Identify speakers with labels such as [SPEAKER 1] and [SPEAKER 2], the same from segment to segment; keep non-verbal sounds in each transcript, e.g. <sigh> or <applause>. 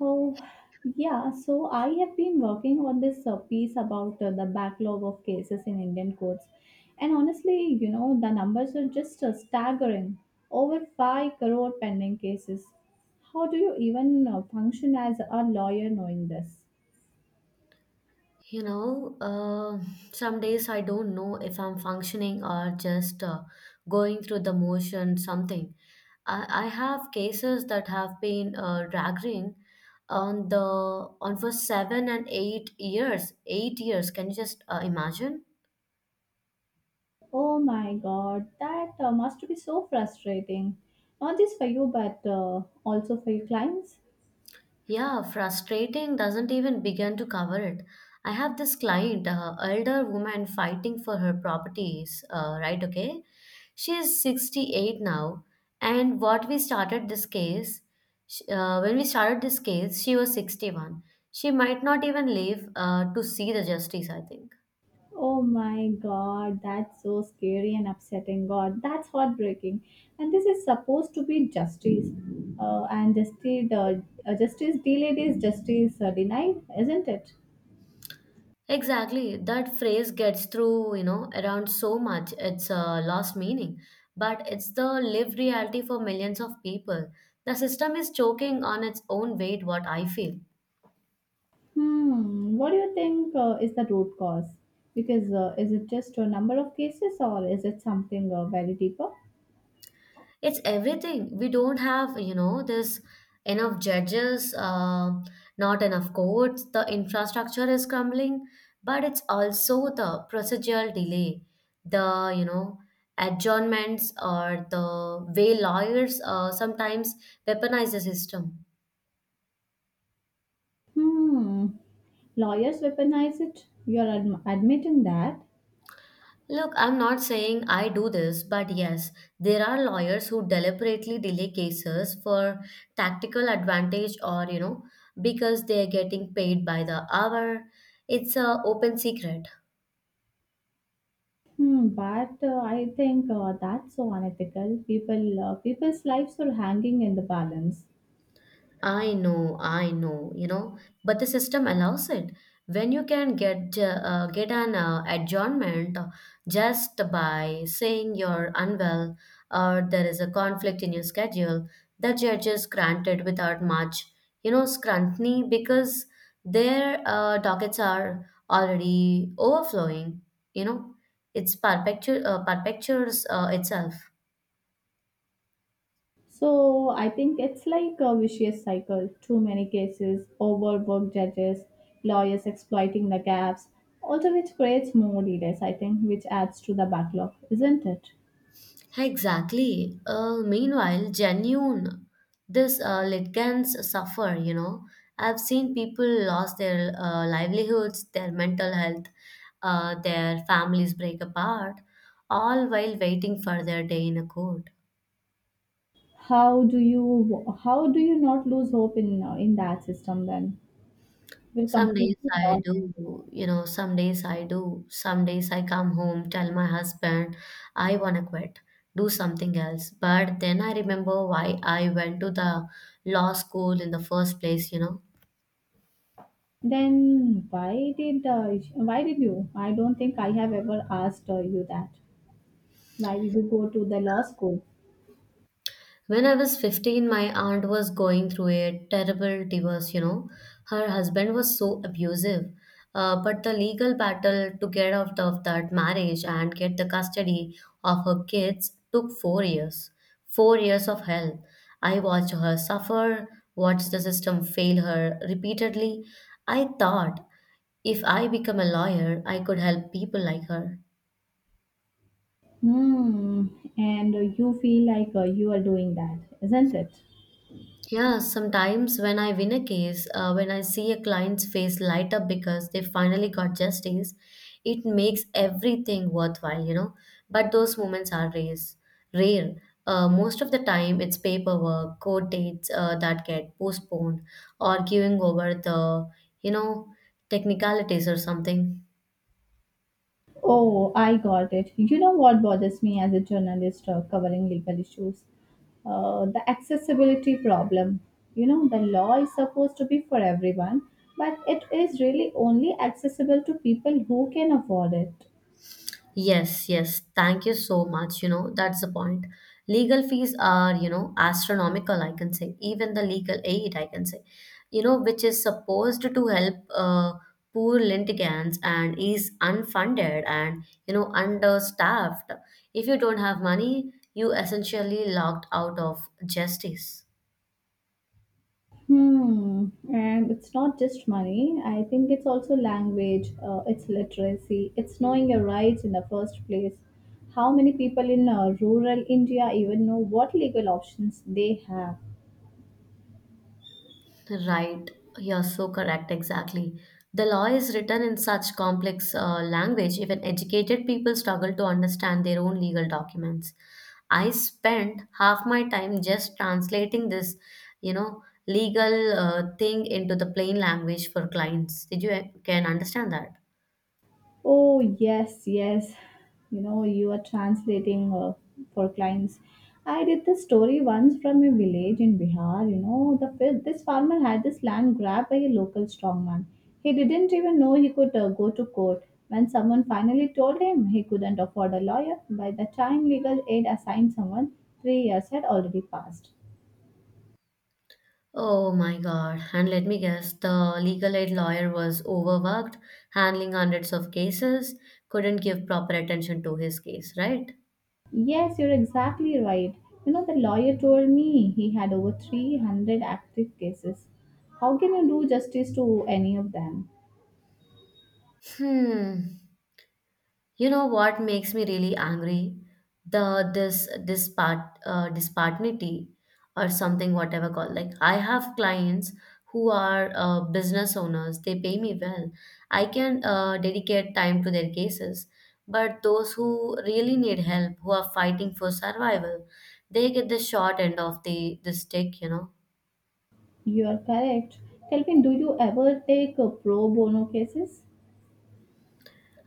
[SPEAKER 1] Oh, yeah. So I have been working on this piece about the backlog of cases in Indian courts. And honestly, you know, the numbers are just staggering. Over 5 crore pending cases. How do you even function as a lawyer knowing this?
[SPEAKER 2] You know, uh, some days I don't know if I'm functioning or just going through the motion, something. I have cases that have been dragging on the on for 7 and 8 years, 8 years. Can you just imagine?
[SPEAKER 1] Oh my god, that must be so frustrating. Not just for you, but also for your clients.
[SPEAKER 2] Yeah, frustrating doesn't even begin to cover it. I have this client, elder woman fighting for her properties, right? Okay. She is 68 now. And what we started this case, sh- When we started this case, she was 61. She might not even live to see the justice, I think.
[SPEAKER 1] Oh my god, that's so scary and upsetting. God, that's heartbreaking. And this is supposed to be justice. And justice delayed is justice denied, isn't it?
[SPEAKER 2] Exactly. That phrase gets through, you know, around so much. It's lost meaning. But it's the lived reality for millions of people. The system is choking on its own weight, what I feel.
[SPEAKER 1] Hmm, what do you think is the root cause? Because is it just a number of cases or is it something very deeper?
[SPEAKER 2] It's everything we don't have, you know, this enough judges, not enough courts. The infrastructure is crumbling, but it's also the procedural delay, the you know, adjournments, or the way lawyers sometimes weaponize the system.
[SPEAKER 1] Hmm, lawyers weaponize it. You're admitting that.
[SPEAKER 2] Look, I'm not saying I do this, but yes, there are lawyers who deliberately delay cases for tactical advantage, or, you know, because they're getting paid by the hour. It's a open secret.
[SPEAKER 1] Hmm, but I think that's so unethical. People's lives are hanging in the balance.
[SPEAKER 2] I know, you know, but the system allows it. When you can get an adjournment just by saying you're unwell or there is a conflict in your schedule, the judge is granted without much, you know, scrutiny, because their dockets are already overflowing. You know, it's perpetu- perpetuates itself.
[SPEAKER 1] So I think it's like a vicious cycle. Too many cases, overworked judges, lawyers exploiting the gaps, also which creates more delays. I think which adds to the backlog, isn't it?
[SPEAKER 2] Exactly. Meanwhile, genuine, this litigants suffer, you know. I've seen people lost their livelihoods, their mental health, their families break apart, all while waiting for their day in a court.
[SPEAKER 1] How do you not lose hope in that system? Then we're
[SPEAKER 2] Some days
[SPEAKER 1] completely
[SPEAKER 2] I
[SPEAKER 1] lost.
[SPEAKER 2] do, you know, some days I do Some days I come home, tell my husband, I want to quit, do something else. But then I remember why I went to the law school in the first place, you know.
[SPEAKER 1] Then why did you? I don't think I have ever asked you that. Why did you go to the law school?
[SPEAKER 2] When I was 15, my aunt was going through a terrible divorce, you know. Her husband was so abusive. But the legal battle to get out of that marriage and get the custody of her kids took 4 years. 4 years of hell. I watched her suffer, watched the system fail her repeatedly. I thought if I become a lawyer, I could help people like her.
[SPEAKER 1] Hmm. And you feel like you are doing that, isn't it?
[SPEAKER 2] Yeah, sometimes when I win a case, when I see a client's face light up because they finally got justice, it makes everything worthwhile, you know. But those moments are rare. Rare. Most of the time, it's paperwork, court dates that get postponed, arguing over the, you know, technicalities or something.
[SPEAKER 1] Oh, I got it. You know what bothers me as a journalist covering legal issues? The accessibility problem. You know, the law is supposed to be for everyone, but it is really only accessible to people who can afford it.
[SPEAKER 2] Yes, yes. Thank you so much. You know, that's the point. Legal fees are, you know, astronomical, I can say. Even the legal aid, I can say. You know, which is supposed to help poor litigants, and is unfunded and, you know, understaffed. If you don't have money, you essentially locked out of justice.
[SPEAKER 1] Hmm. And it's not just money. I think it's also language, it's literacy, it's knowing your rights in the first place. How many people in rural India even know what legal options they have?
[SPEAKER 2] Right, you're so correct, exactly. The law is written in such complex language, even educated people struggle to understand their own legal documents. I spent half my time just translating this, you know, legal thing into the plain language for clients. Did you can understand that?
[SPEAKER 1] Oh, yes, yes. You know, you are translating for clients. I did the story once from a village in Bihar. You know, the this farmer had this land grabbed by a local strongman. He didn't even know he could go to court. When someone finally told him he couldn't afford a lawyer, by the time legal aid assigned someone, 3 years had already passed.
[SPEAKER 2] Oh my God. And let me guess, the legal aid lawyer was overworked, handling hundreds of cases, couldn't give proper attention to his case, right?
[SPEAKER 1] Yes, you're exactly right. You know, the lawyer told me he had over 300 active cases. How can you do justice to any of them?
[SPEAKER 2] Hmm. You know what makes me really angry? The this dispart dispartity or something, whatever called. Like, I have clients who are business owners. They pay me well. I can dedicate time to their cases. But those who really need help, who are fighting for survival, they get the short end of the stick. You know.
[SPEAKER 1] You're correct. Tell me, do you ever take pro bono cases?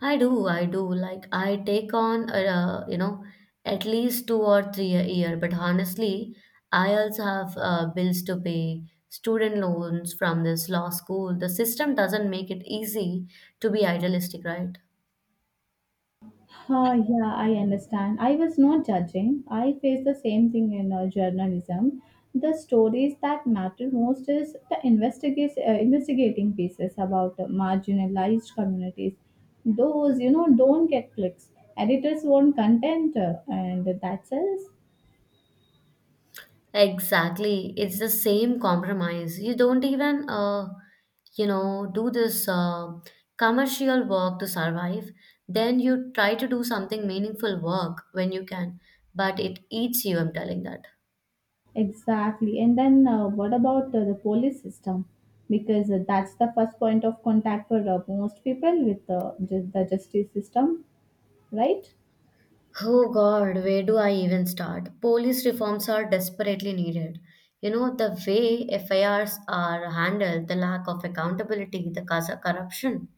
[SPEAKER 2] I do, I do. Like, I take on, you know, at least two or three a year. But honestly, I also have bills to pay, student loans from this law school. The system doesn't make it easy to be idealistic, right?
[SPEAKER 1] Ah, yeah, I understand. I was not judging. I faced the same thing in journalism. The stories that matter most is the investigating pieces about marginalized communities. Those, you know, don't get clicks. Editors want content, and that sells.
[SPEAKER 2] Exactly. It's the same compromise. You don't even, you know, do this commercial work to survive. Then you try to do something meaningful work when you can, but it eats you, I'm telling that.
[SPEAKER 1] Exactly. And then what about the police system? Because that's the first point of contact for most people with the justice system, right?
[SPEAKER 2] Oh God, where do I even start? Police reforms are desperately needed. You know, the way FIRs are handled, the lack of accountability, the cause of corruption,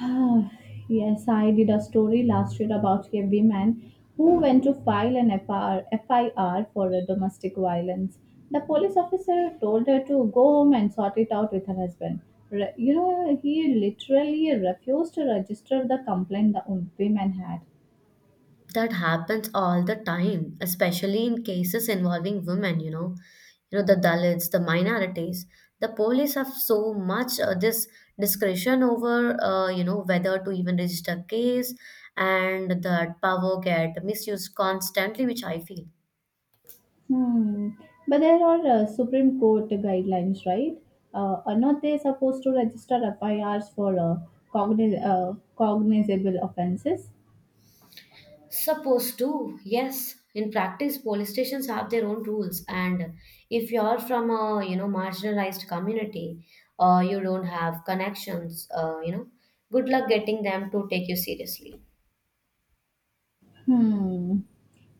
[SPEAKER 1] Ah, yes, I did a story last year about a woman who went to file an FIR for a domestic violence. The police officer told her to go home and sort it out with her husband. You know, he literally refused to register the complaint the woman had.
[SPEAKER 2] that happens all the time, especially in cases involving women, you know. You know, the Dalits, the minorities. The police have so much this discretion over, you know, whether to even register case, and that power get misused constantly, which I feel.
[SPEAKER 1] Hmm. But there are Supreme Court guidelines, right? Are not they supposed to register F I Rs for cognizable offenses?
[SPEAKER 2] Supposed to, yes. In practice, police stations have their own rules, and if you're from a, you know, marginalized community, or you don't have connections, you know, good luck getting them to take you seriously.
[SPEAKER 1] Hmm.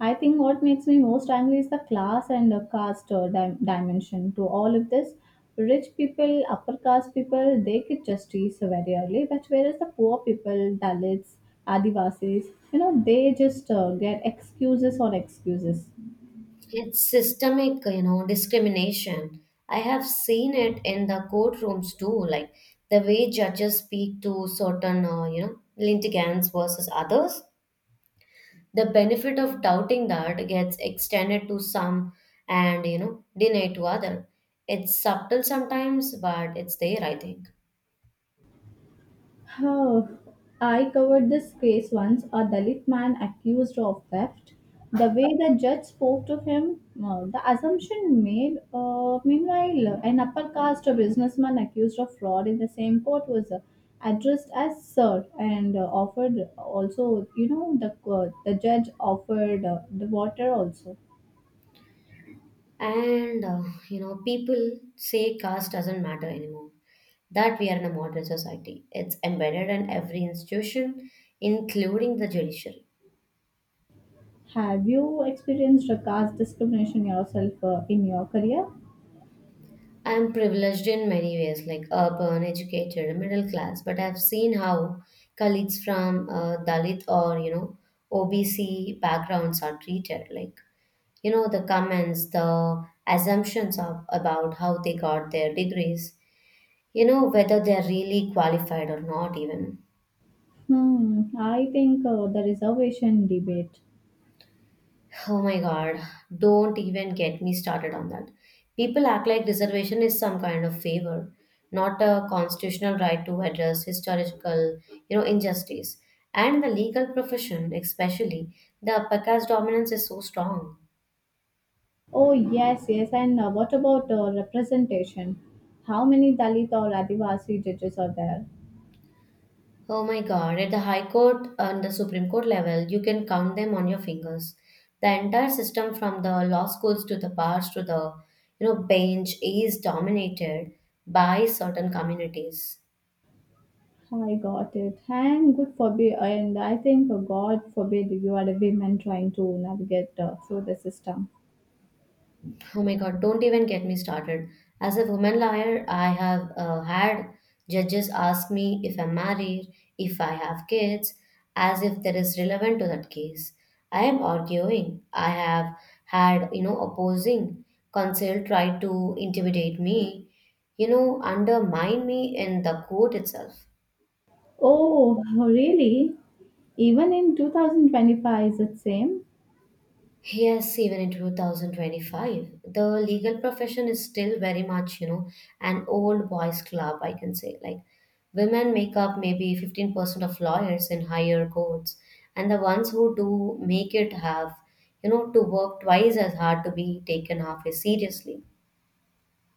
[SPEAKER 1] I think what makes me most angry is the class and the caste dimension to all of this. Rich people, upper caste people, they get justice very early, but whereas the poor people, Dalits, Adivasis, you know, they just get excuses on excuses.
[SPEAKER 2] It's systemic, you know, discrimination. I have seen it in the courtrooms too, like the way judges speak to certain, you know, litigants versus others. The benefit of doubting that gets extended to some, and, you know, denied to other. It's subtle sometimes, but it's there, I think.
[SPEAKER 1] Oh, I covered this case once a Dalit man accused of theft. The way the judge spoke to him, the assumption made. Meanwhile, an upper caste businessman accused of fraud in the same court was addressed as sir and offered also, you know, the judge offered the water also.
[SPEAKER 2] And you know, people say caste doesn't matter anymore, that we are in a modern society. It's embedded in every institution, including the judiciary.
[SPEAKER 1] Have you experienced a caste discrimination yourself in your career?
[SPEAKER 2] I'm privileged in many ways, like urban, educated, middle class, but I've seen how colleagues from Dalit, or, you know, OBC backgrounds are treated. Like, you know, the comments, the assumptions of, about how they got their degrees, you know, whether they're really qualified or not, even.
[SPEAKER 1] Hmm, I think the reservation debate.
[SPEAKER 2] Oh my God, don't even get me started on that. People act like reservation is some kind of favor, not a constitutional right to address historical, you know, injustice. And the legal profession, especially, the PACA's dominance is so strong.
[SPEAKER 1] Oh, yes, yes. And what about representation? How many Dalit or Adivasi judges are there?
[SPEAKER 2] Oh my God, at the High Court and the Supreme Court level, you can count them on your fingers. The entire system, from the law schools to the bars to the, you know, bench, is dominated by certain communities.
[SPEAKER 1] I got it. And good forbid, and I think, God forbid, you are a woman trying to navigate through the system.
[SPEAKER 2] Oh my God, don't even get me started. As a woman lawyer, I have had judges ask me if I'm married, if I have kids, as if that is relevant to that case. I am arguing. I have had, you know, opposing counsel try to intimidate me, you know, undermine me in the court itself.
[SPEAKER 1] Oh, really? Even in 2025, is it same?
[SPEAKER 2] Yes, even in 2025, the legal profession is still very much, you know, an old boys club, I can say. Like, women make up maybe 15% of lawyers in higher courts, and the ones who do make it have, you know, to work twice as hard to be taken halfway seriously.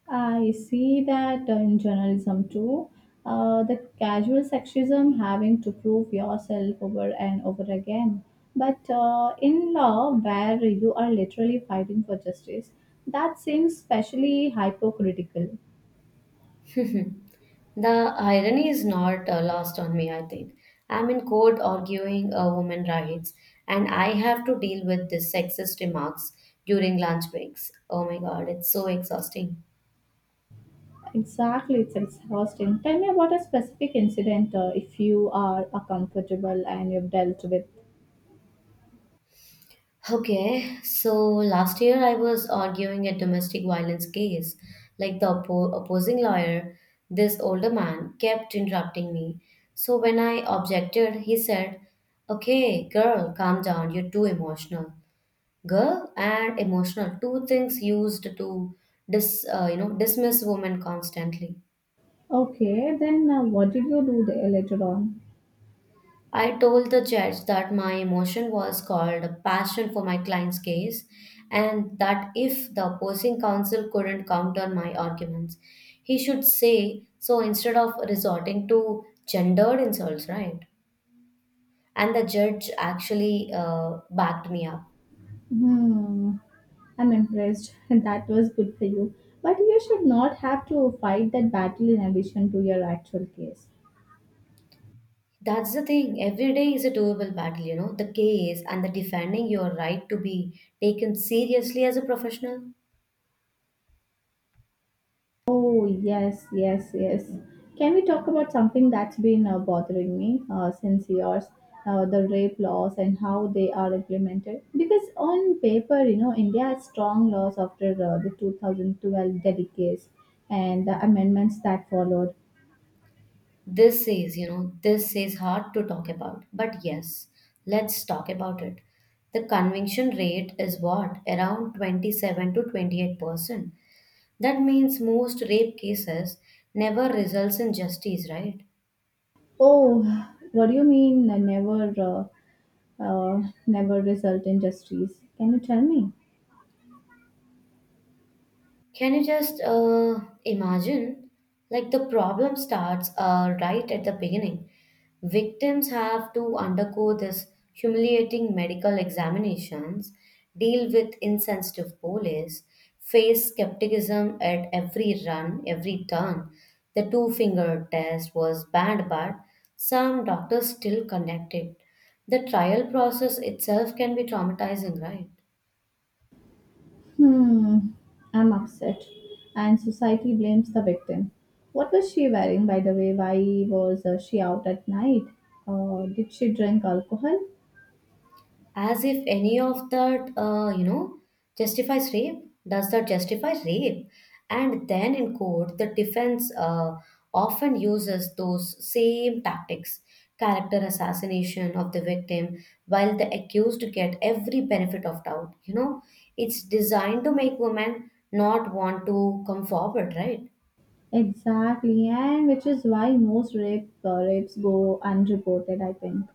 [SPEAKER 1] I see that in journalism too. The casual sexism having to prove yourself over and over again. But in law, where you are literally fighting for justice, that seems especially hypocritical.
[SPEAKER 2] The irony is not lost on me, I think. I'm in court arguing women's rights, and I have to deal with these sexist remarks during lunch breaks. Oh my god, it's so exhausting.
[SPEAKER 1] Exactly, it's exhausting. Tell me about a specific incident if you are comfortable and you've dealt with.
[SPEAKER 2] Okay, so last year I was arguing a domestic violence case. Like, the opposing lawyer, this older man, kept interrupting me. So when I objected, he said, "Okay, girl, calm down, you're too emotional." Girl and emotional, two things used to dis you know, dismiss women constantly.
[SPEAKER 1] Okay, then what did you do there later on?
[SPEAKER 2] I told the judge that my emotion was called a passion for my client's case, and that if the opposing counsel couldn't counter my arguments, he should say so instead of resorting to gendered insults, right? And the judge actually backed me up.
[SPEAKER 1] Hmm, I'm impressed. <laughs> That was good for you. But you should not have to fight that battle in addition to your actual case.
[SPEAKER 2] That's the thing. Every day is a doable battle, you know. The case and the defending your right to be taken seriously as a professional.
[SPEAKER 1] Oh, yes, yes, yes. Can we talk about something that's been bothering me since years? The rape laws and how they are implemented. Because on paper, you know, India has strong laws after the 2012 Delhi case and the amendments that followed.
[SPEAKER 2] This is, you know, this is hard to talk about. But yes, let's talk about it. The conviction rate is what? Around 27 to 28%. That means most rape cases never results in justice, right?
[SPEAKER 1] Oh, what do you mean never result in justice? Can you tell me?
[SPEAKER 2] Can you just imagine? Like, the problem starts right at the beginning. Victims have to undergo this humiliating medical examinations, deal with insensitive police, face skepticism at every run, every turn. The two finger test was banned, but some doctors still conduct it. The trial process itself can be traumatizing, right?
[SPEAKER 1] Hmm, I'm upset. And society blames the victim. What was she wearing, by the way? Why was she out at night? Did she drink alcohol?
[SPEAKER 2] As if any of that, you know, justifies rape. Does that justify rape? And then in court, the defense often uses those same tactics, character assassination of the victim, while the accused get every benefit of doubt, you know. It's designed to make women not want to come forward, right?
[SPEAKER 1] Exactly, and which is why most rapes go unreported, I think.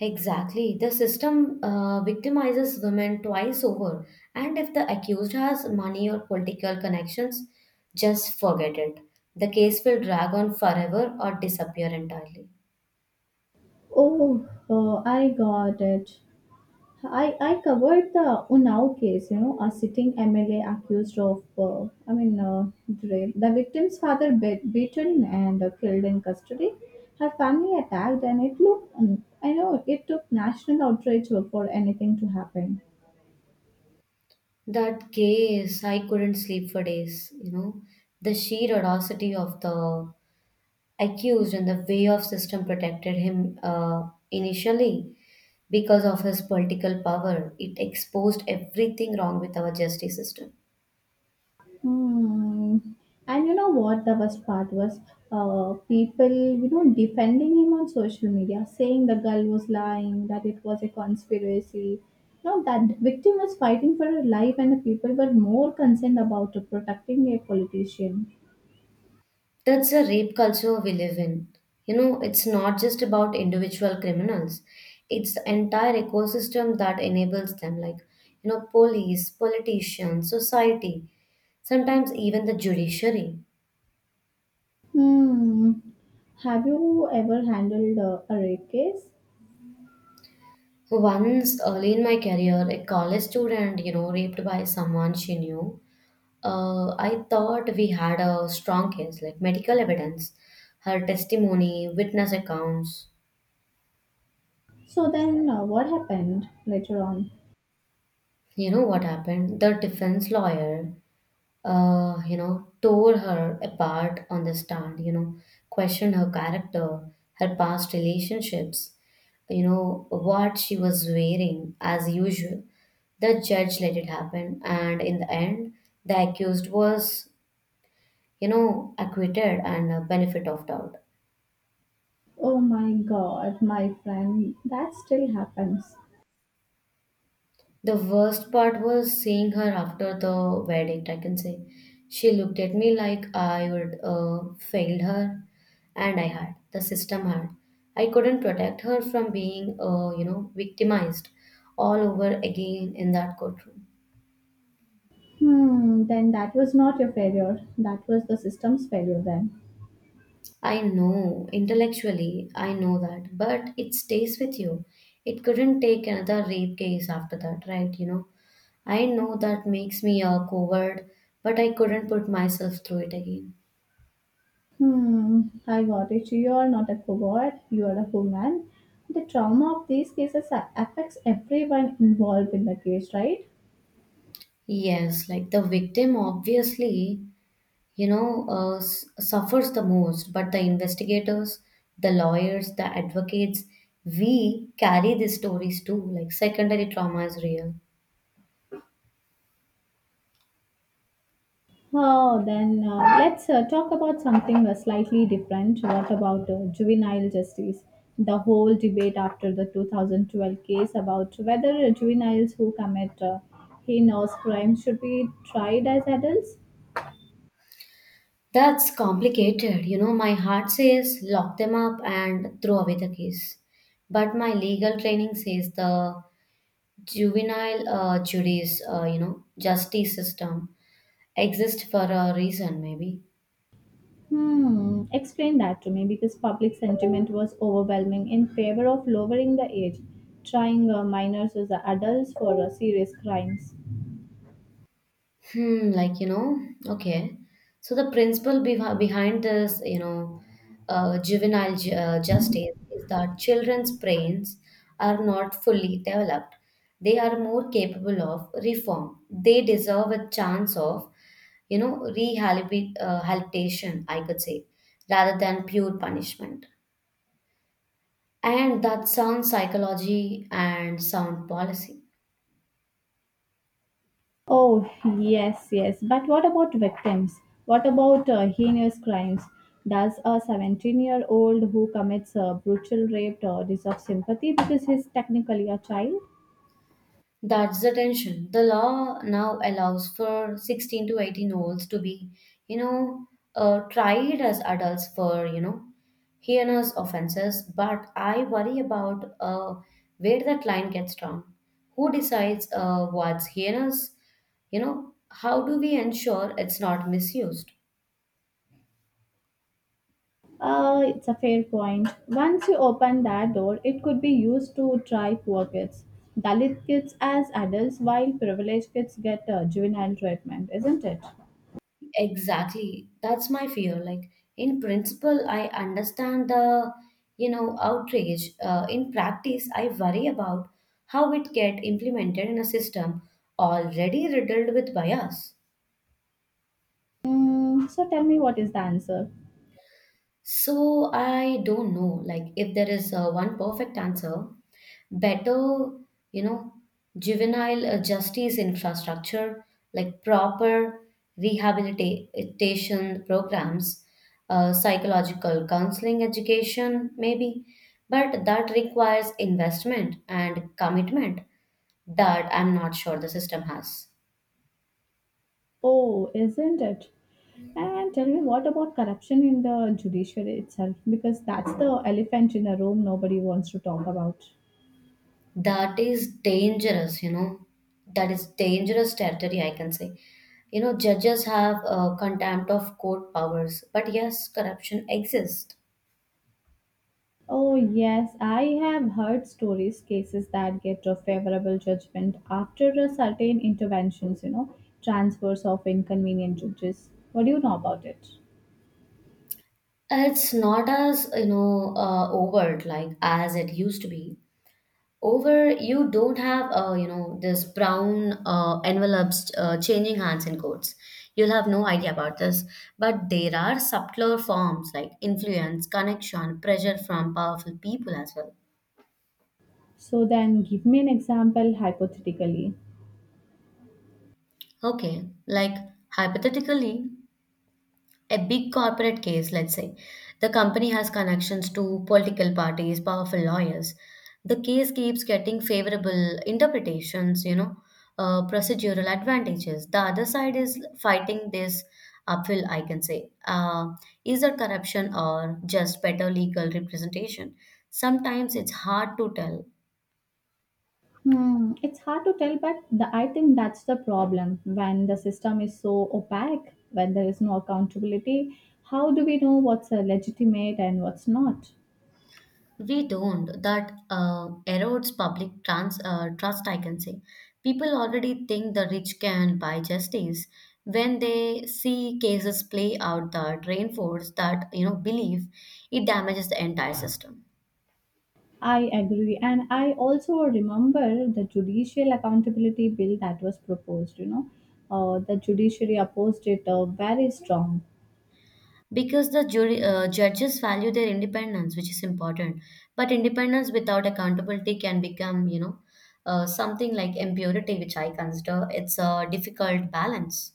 [SPEAKER 2] Exactly. The system victimizes women twice over, and if the accused has money or political connections, just forget it. The case will drag on forever or disappear entirely.
[SPEAKER 1] Oh, I got it. I covered the Unnao case, you know, a sitting MLA accused of, rape. The victim's father beaten and killed in custody. Her family attacked, and it looked, I know, it took national outrage for anything to happen.
[SPEAKER 2] That case, I couldn't sleep for days, you know. The sheer audacity of the accused, and the way of system protected him initially because of his political power, it exposed everything wrong with our justice system.
[SPEAKER 1] Hmm. And you know what the worst part was? People, you know, defending him on social media, saying the girl was lying, that it was a conspiracy. No, that victim was fighting for her life, and the people were more concerned about protecting a politician.
[SPEAKER 2] That's the rape culture we live in. It's not just about individual criminals, it's the entire ecosystem that enables them, police, politicians, society, sometimes even the judiciary.
[SPEAKER 1] Hmm. Have you ever handled a rape case?
[SPEAKER 2] Once early in my career, a college student, raped by someone she knew. I thought we had a strong case, like medical evidence, her testimony, witness accounts.
[SPEAKER 1] So then, what happened later on?
[SPEAKER 2] You know what happened? The defense lawyer tore her apart on the stand, questioned her character, her past relationships, what she was wearing as usual. The judge let it happen, and in the end, the accused was, acquitted and a benefit of doubt.
[SPEAKER 1] Oh my God, my friend, that still happens.
[SPEAKER 2] The worst part was seeing her after the verdict, I can say. She looked at me like I would failed her, and I had. The system had. I couldn't protect her from being victimized all over again in that courtroom.
[SPEAKER 1] Hmm, then that was not your failure. That was the system's failure then.
[SPEAKER 2] I know, intellectually, I know that, but it stays with you. It couldn't take another rape case after that, right? I know that makes me a coward, but I couldn't put myself through it again.
[SPEAKER 1] Hmm, I got it. You are not a coward. You are a human. The trauma of these cases affects everyone involved in the case, right?
[SPEAKER 2] Yes, like the victim obviously, suffers the most, but the investigators, the lawyers, the advocates, we carry these stories too. Like secondary trauma is real.
[SPEAKER 1] Oh, then let's talk about something slightly different. What about juvenile justice? The whole debate after the 2012 case about whether juveniles who commit heinous crimes should be tried as adults.
[SPEAKER 2] That's complicated. You know, my heart says lock them up and throw away the case. But my legal training says the juvenile juries, you know, justice system exists for a reason, maybe.
[SPEAKER 1] Hmm, explain that to me because public sentiment was overwhelming in favor of lowering the age, trying minors as the adults for serious crimes.
[SPEAKER 2] Hmm, like, you know, okay. So the principle behind this, juvenile ju justice is that children's brains are not fully developed. They are more capable of reform. They deserve a chance of, rehabilitation, habilitation, I could say, rather than pure punishment. And that sound psychology and sound policy.
[SPEAKER 1] Oh, yes, yes. But what about victims? What about heinous crimes? Does a 17-year-old who commits a brutal rape deserve sympathy because he's technically a child?
[SPEAKER 2] That's the tension. The law now allows for 16 to 18 year olds to be, you know, tried as adults for, heinous offenses. But I worry about where that line gets drawn. Who decides what's heinous? You know, how do we ensure it's not misused?
[SPEAKER 1] It's a fair point. Once you open that door, it could be used to try poor kids, Dalit kids as adults, while privileged kids get juvenile treatment, isn't it?
[SPEAKER 2] Exactly. That's my fear. Like, in principle, I understand the, outrage. In practice, I worry about how it get implemented in a system already riddled with bias.
[SPEAKER 1] Mm, so tell me what is the answer?
[SPEAKER 2] So I don't know, like if there is one perfect answer, better, you know, juvenile justice infrastructure, like proper rehabilitation programs, psychological counseling education, maybe. But that requires investment and commitment that I'm not sure the system has.
[SPEAKER 1] Oh, isn't it? And tell me what about corruption in the judiciary itself? Because that's the elephant in the room nobody wants to talk about.
[SPEAKER 2] That is dangerous, you know. That is dangerous territory, I can say. You know, judges have contempt of court powers, but yes, corruption exists.
[SPEAKER 1] Oh, yes, I have heard stories, cases that get a favorable judgment after a certain interventions, you know, transfers of inconvenient judges. What do you know about it?
[SPEAKER 2] It's not as, overt like as it used to be. Over, you don't have, this brown envelopes changing hands in courts. You'll have no idea about this. But there are subtler forms like influence, connection, pressure from powerful people as well.
[SPEAKER 1] So then give me an example hypothetically.
[SPEAKER 2] Okay, like hypothetically, a big corporate case, let's say, the company has connections to political parties, powerful lawyers. The case keeps getting favorable interpretations, procedural advantages. The other side is fighting this uphill, I can say. Is there corruption or just better legal representation? Sometimes it's hard to tell.
[SPEAKER 1] Hmm, it's hard to tell, but the, I think that's the problem. When the system is so opaque, when there is no accountability, how do we know what's legitimate and what's not?
[SPEAKER 2] We don't. That erodes public trust, I can say. People already think the rich can buy justice. When they see cases play out that reinforce that belief, it damages the entire system.
[SPEAKER 1] I agree. And I also remember the judicial accountability bill that was proposed, you know. The judiciary opposed it very strong.
[SPEAKER 2] Because the jury judges value their independence, which is important. But independence without accountability can become something like impurity, which I consider it's a difficult balance.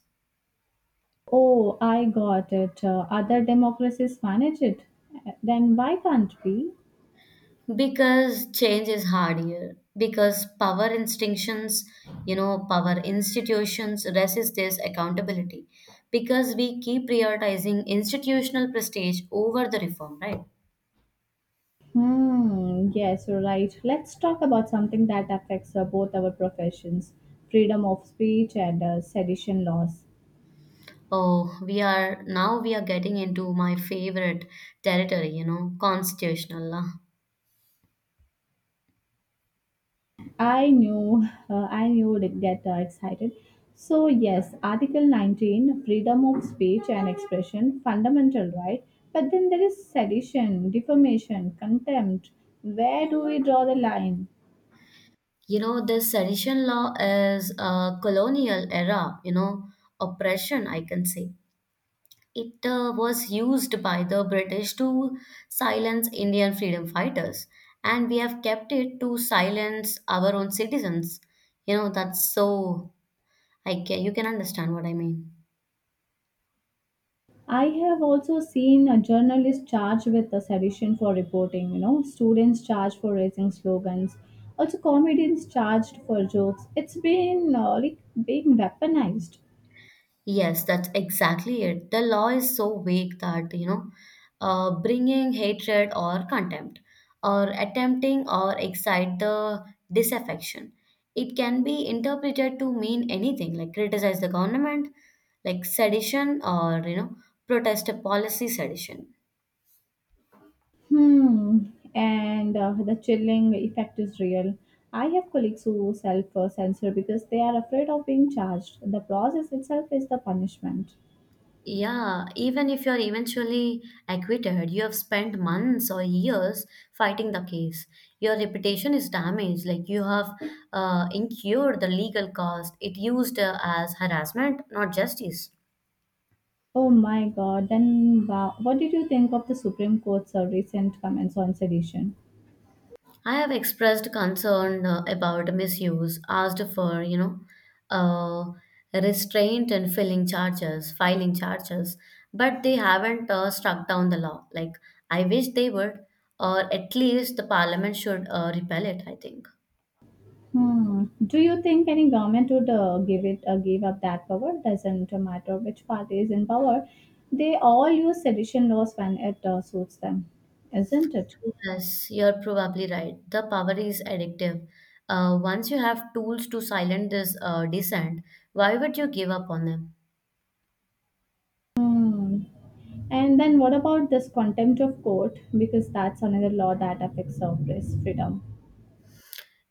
[SPEAKER 1] Oh, I got it. Other democracies manage it. Then why can't we?
[SPEAKER 2] Because change is hard here. Because power instinctions, you know, power institutions resist this accountability. Because we keep prioritizing institutional prestige over the reform, right?
[SPEAKER 1] Hmm, yes, you're right. Let's talk about something that affects both our professions freedom of speech and sedition laws.
[SPEAKER 2] Oh, we are getting into my favorite territory, you know, constitutional law.
[SPEAKER 1] I knew would get excited. So yes, Article 19, freedom of speech and expression, fundamental right. But then there is sedition, defamation, contempt. Where do we draw the line?
[SPEAKER 2] You know, this sedition law is a colonial era, oppression, I can say. It was used by the British to silence Indian freedom fighters, and we have kept it to silence our own citizens. You know, that's so, I can, you can understand what I mean.
[SPEAKER 1] I have also seen a journalist charged with a sedition for reporting. You know, students charged for raising slogans. Also, comedians charged for jokes. It's been like being weaponized.
[SPEAKER 2] Yes, that's exactly it. The law is so vague that, bringing hatred or contempt or attempting or excite the disaffection. It can be interpreted to mean anything like criticize the government, like sedition or, protest a policy sedition.
[SPEAKER 1] Hmm, and the chilling effect is real. I have colleagues who self censor because they are afraid of being charged. The process itself is the punishment.
[SPEAKER 2] Yeah, even if you're eventually acquitted, you have spent months or years fighting the case. Your reputation is damaged, like you have incurred the legal cost. It used as harassment, not justice.
[SPEAKER 1] Oh my god, then wow. What did you think of the Supreme Court's recent comments on sedition?
[SPEAKER 2] I have expressed concern about misuse, asked for, uh, restraint and filing charges, but they haven't struck down the law. Like, I wish they would, or at least the parliament should repel it, I think.
[SPEAKER 1] Hmm. Do you think any government would give up that power? Doesn't matter which party is in power, they all use sedition laws when it suits them, isn't it?
[SPEAKER 2] Yes, you're probably right. The power is addictive. Once you have tools to silence this dissent, why would you give up on them?
[SPEAKER 1] Hmm. And then what about this contempt of court? Because that's another law that affects our press freedom.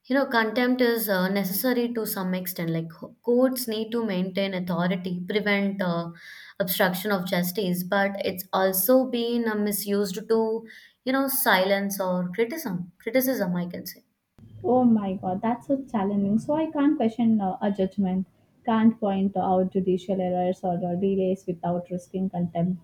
[SPEAKER 2] You know, contempt is necessary to some extent. Like courts need to maintain authority, prevent obstruction of justice, but it's also been misused to, silence or criticism. Criticism, I can say.
[SPEAKER 1] Oh my god, that's so challenging. So I can't question a judgment, can't point out judicial errors or delays without risking contempt.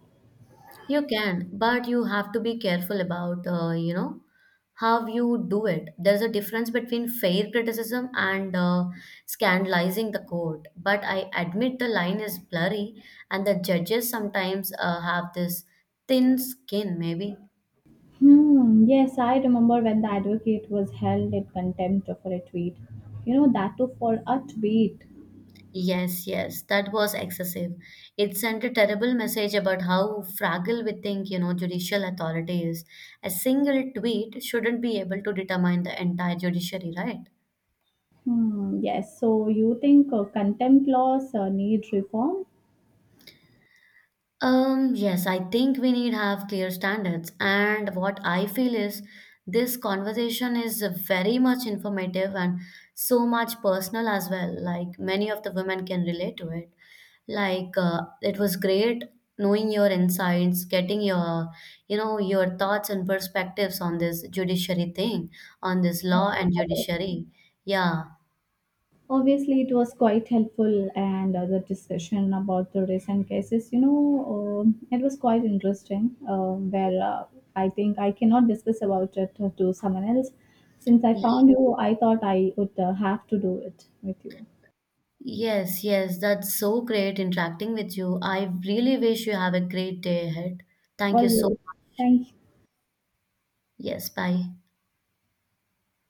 [SPEAKER 2] You can, but you have to be careful about, how you do it. There's a difference between fair criticism and scandalizing the court. But I admit the line is blurry, and the judges sometimes have this thin skin, maybe.
[SPEAKER 1] Hmm, yes, I remember when the advocate was held in contempt for a tweet. You know, that too for a tweet.
[SPEAKER 2] Yes, yes, that was excessive. It sent a terrible message about how fragile we think, judicial authority is. A single tweet shouldn't be able to determine the entire judiciary, right?
[SPEAKER 1] Hmm, yes, so you think contempt laws need reform?
[SPEAKER 2] Yes, I think we need have clear standards. And what I feel is this conversation is very much informative and so much personal as well. Like many of the women can relate to it. It was great knowing your insights, getting your your thoughts and perspectives on this judiciary thing, on this law and judiciary. Yeah.
[SPEAKER 1] Obviously, it was quite helpful, and the discussion about the recent cases, you know, it was quite interesting. Where I think I cannot discuss about it to someone else. Since I found you, I thought I would have to do it with you.
[SPEAKER 2] Yes, yes, that's so great interacting with you. I really wish you have a great day ahead. Thank you so
[SPEAKER 1] Always.
[SPEAKER 2] much.
[SPEAKER 1] Thank
[SPEAKER 2] Yes, bye.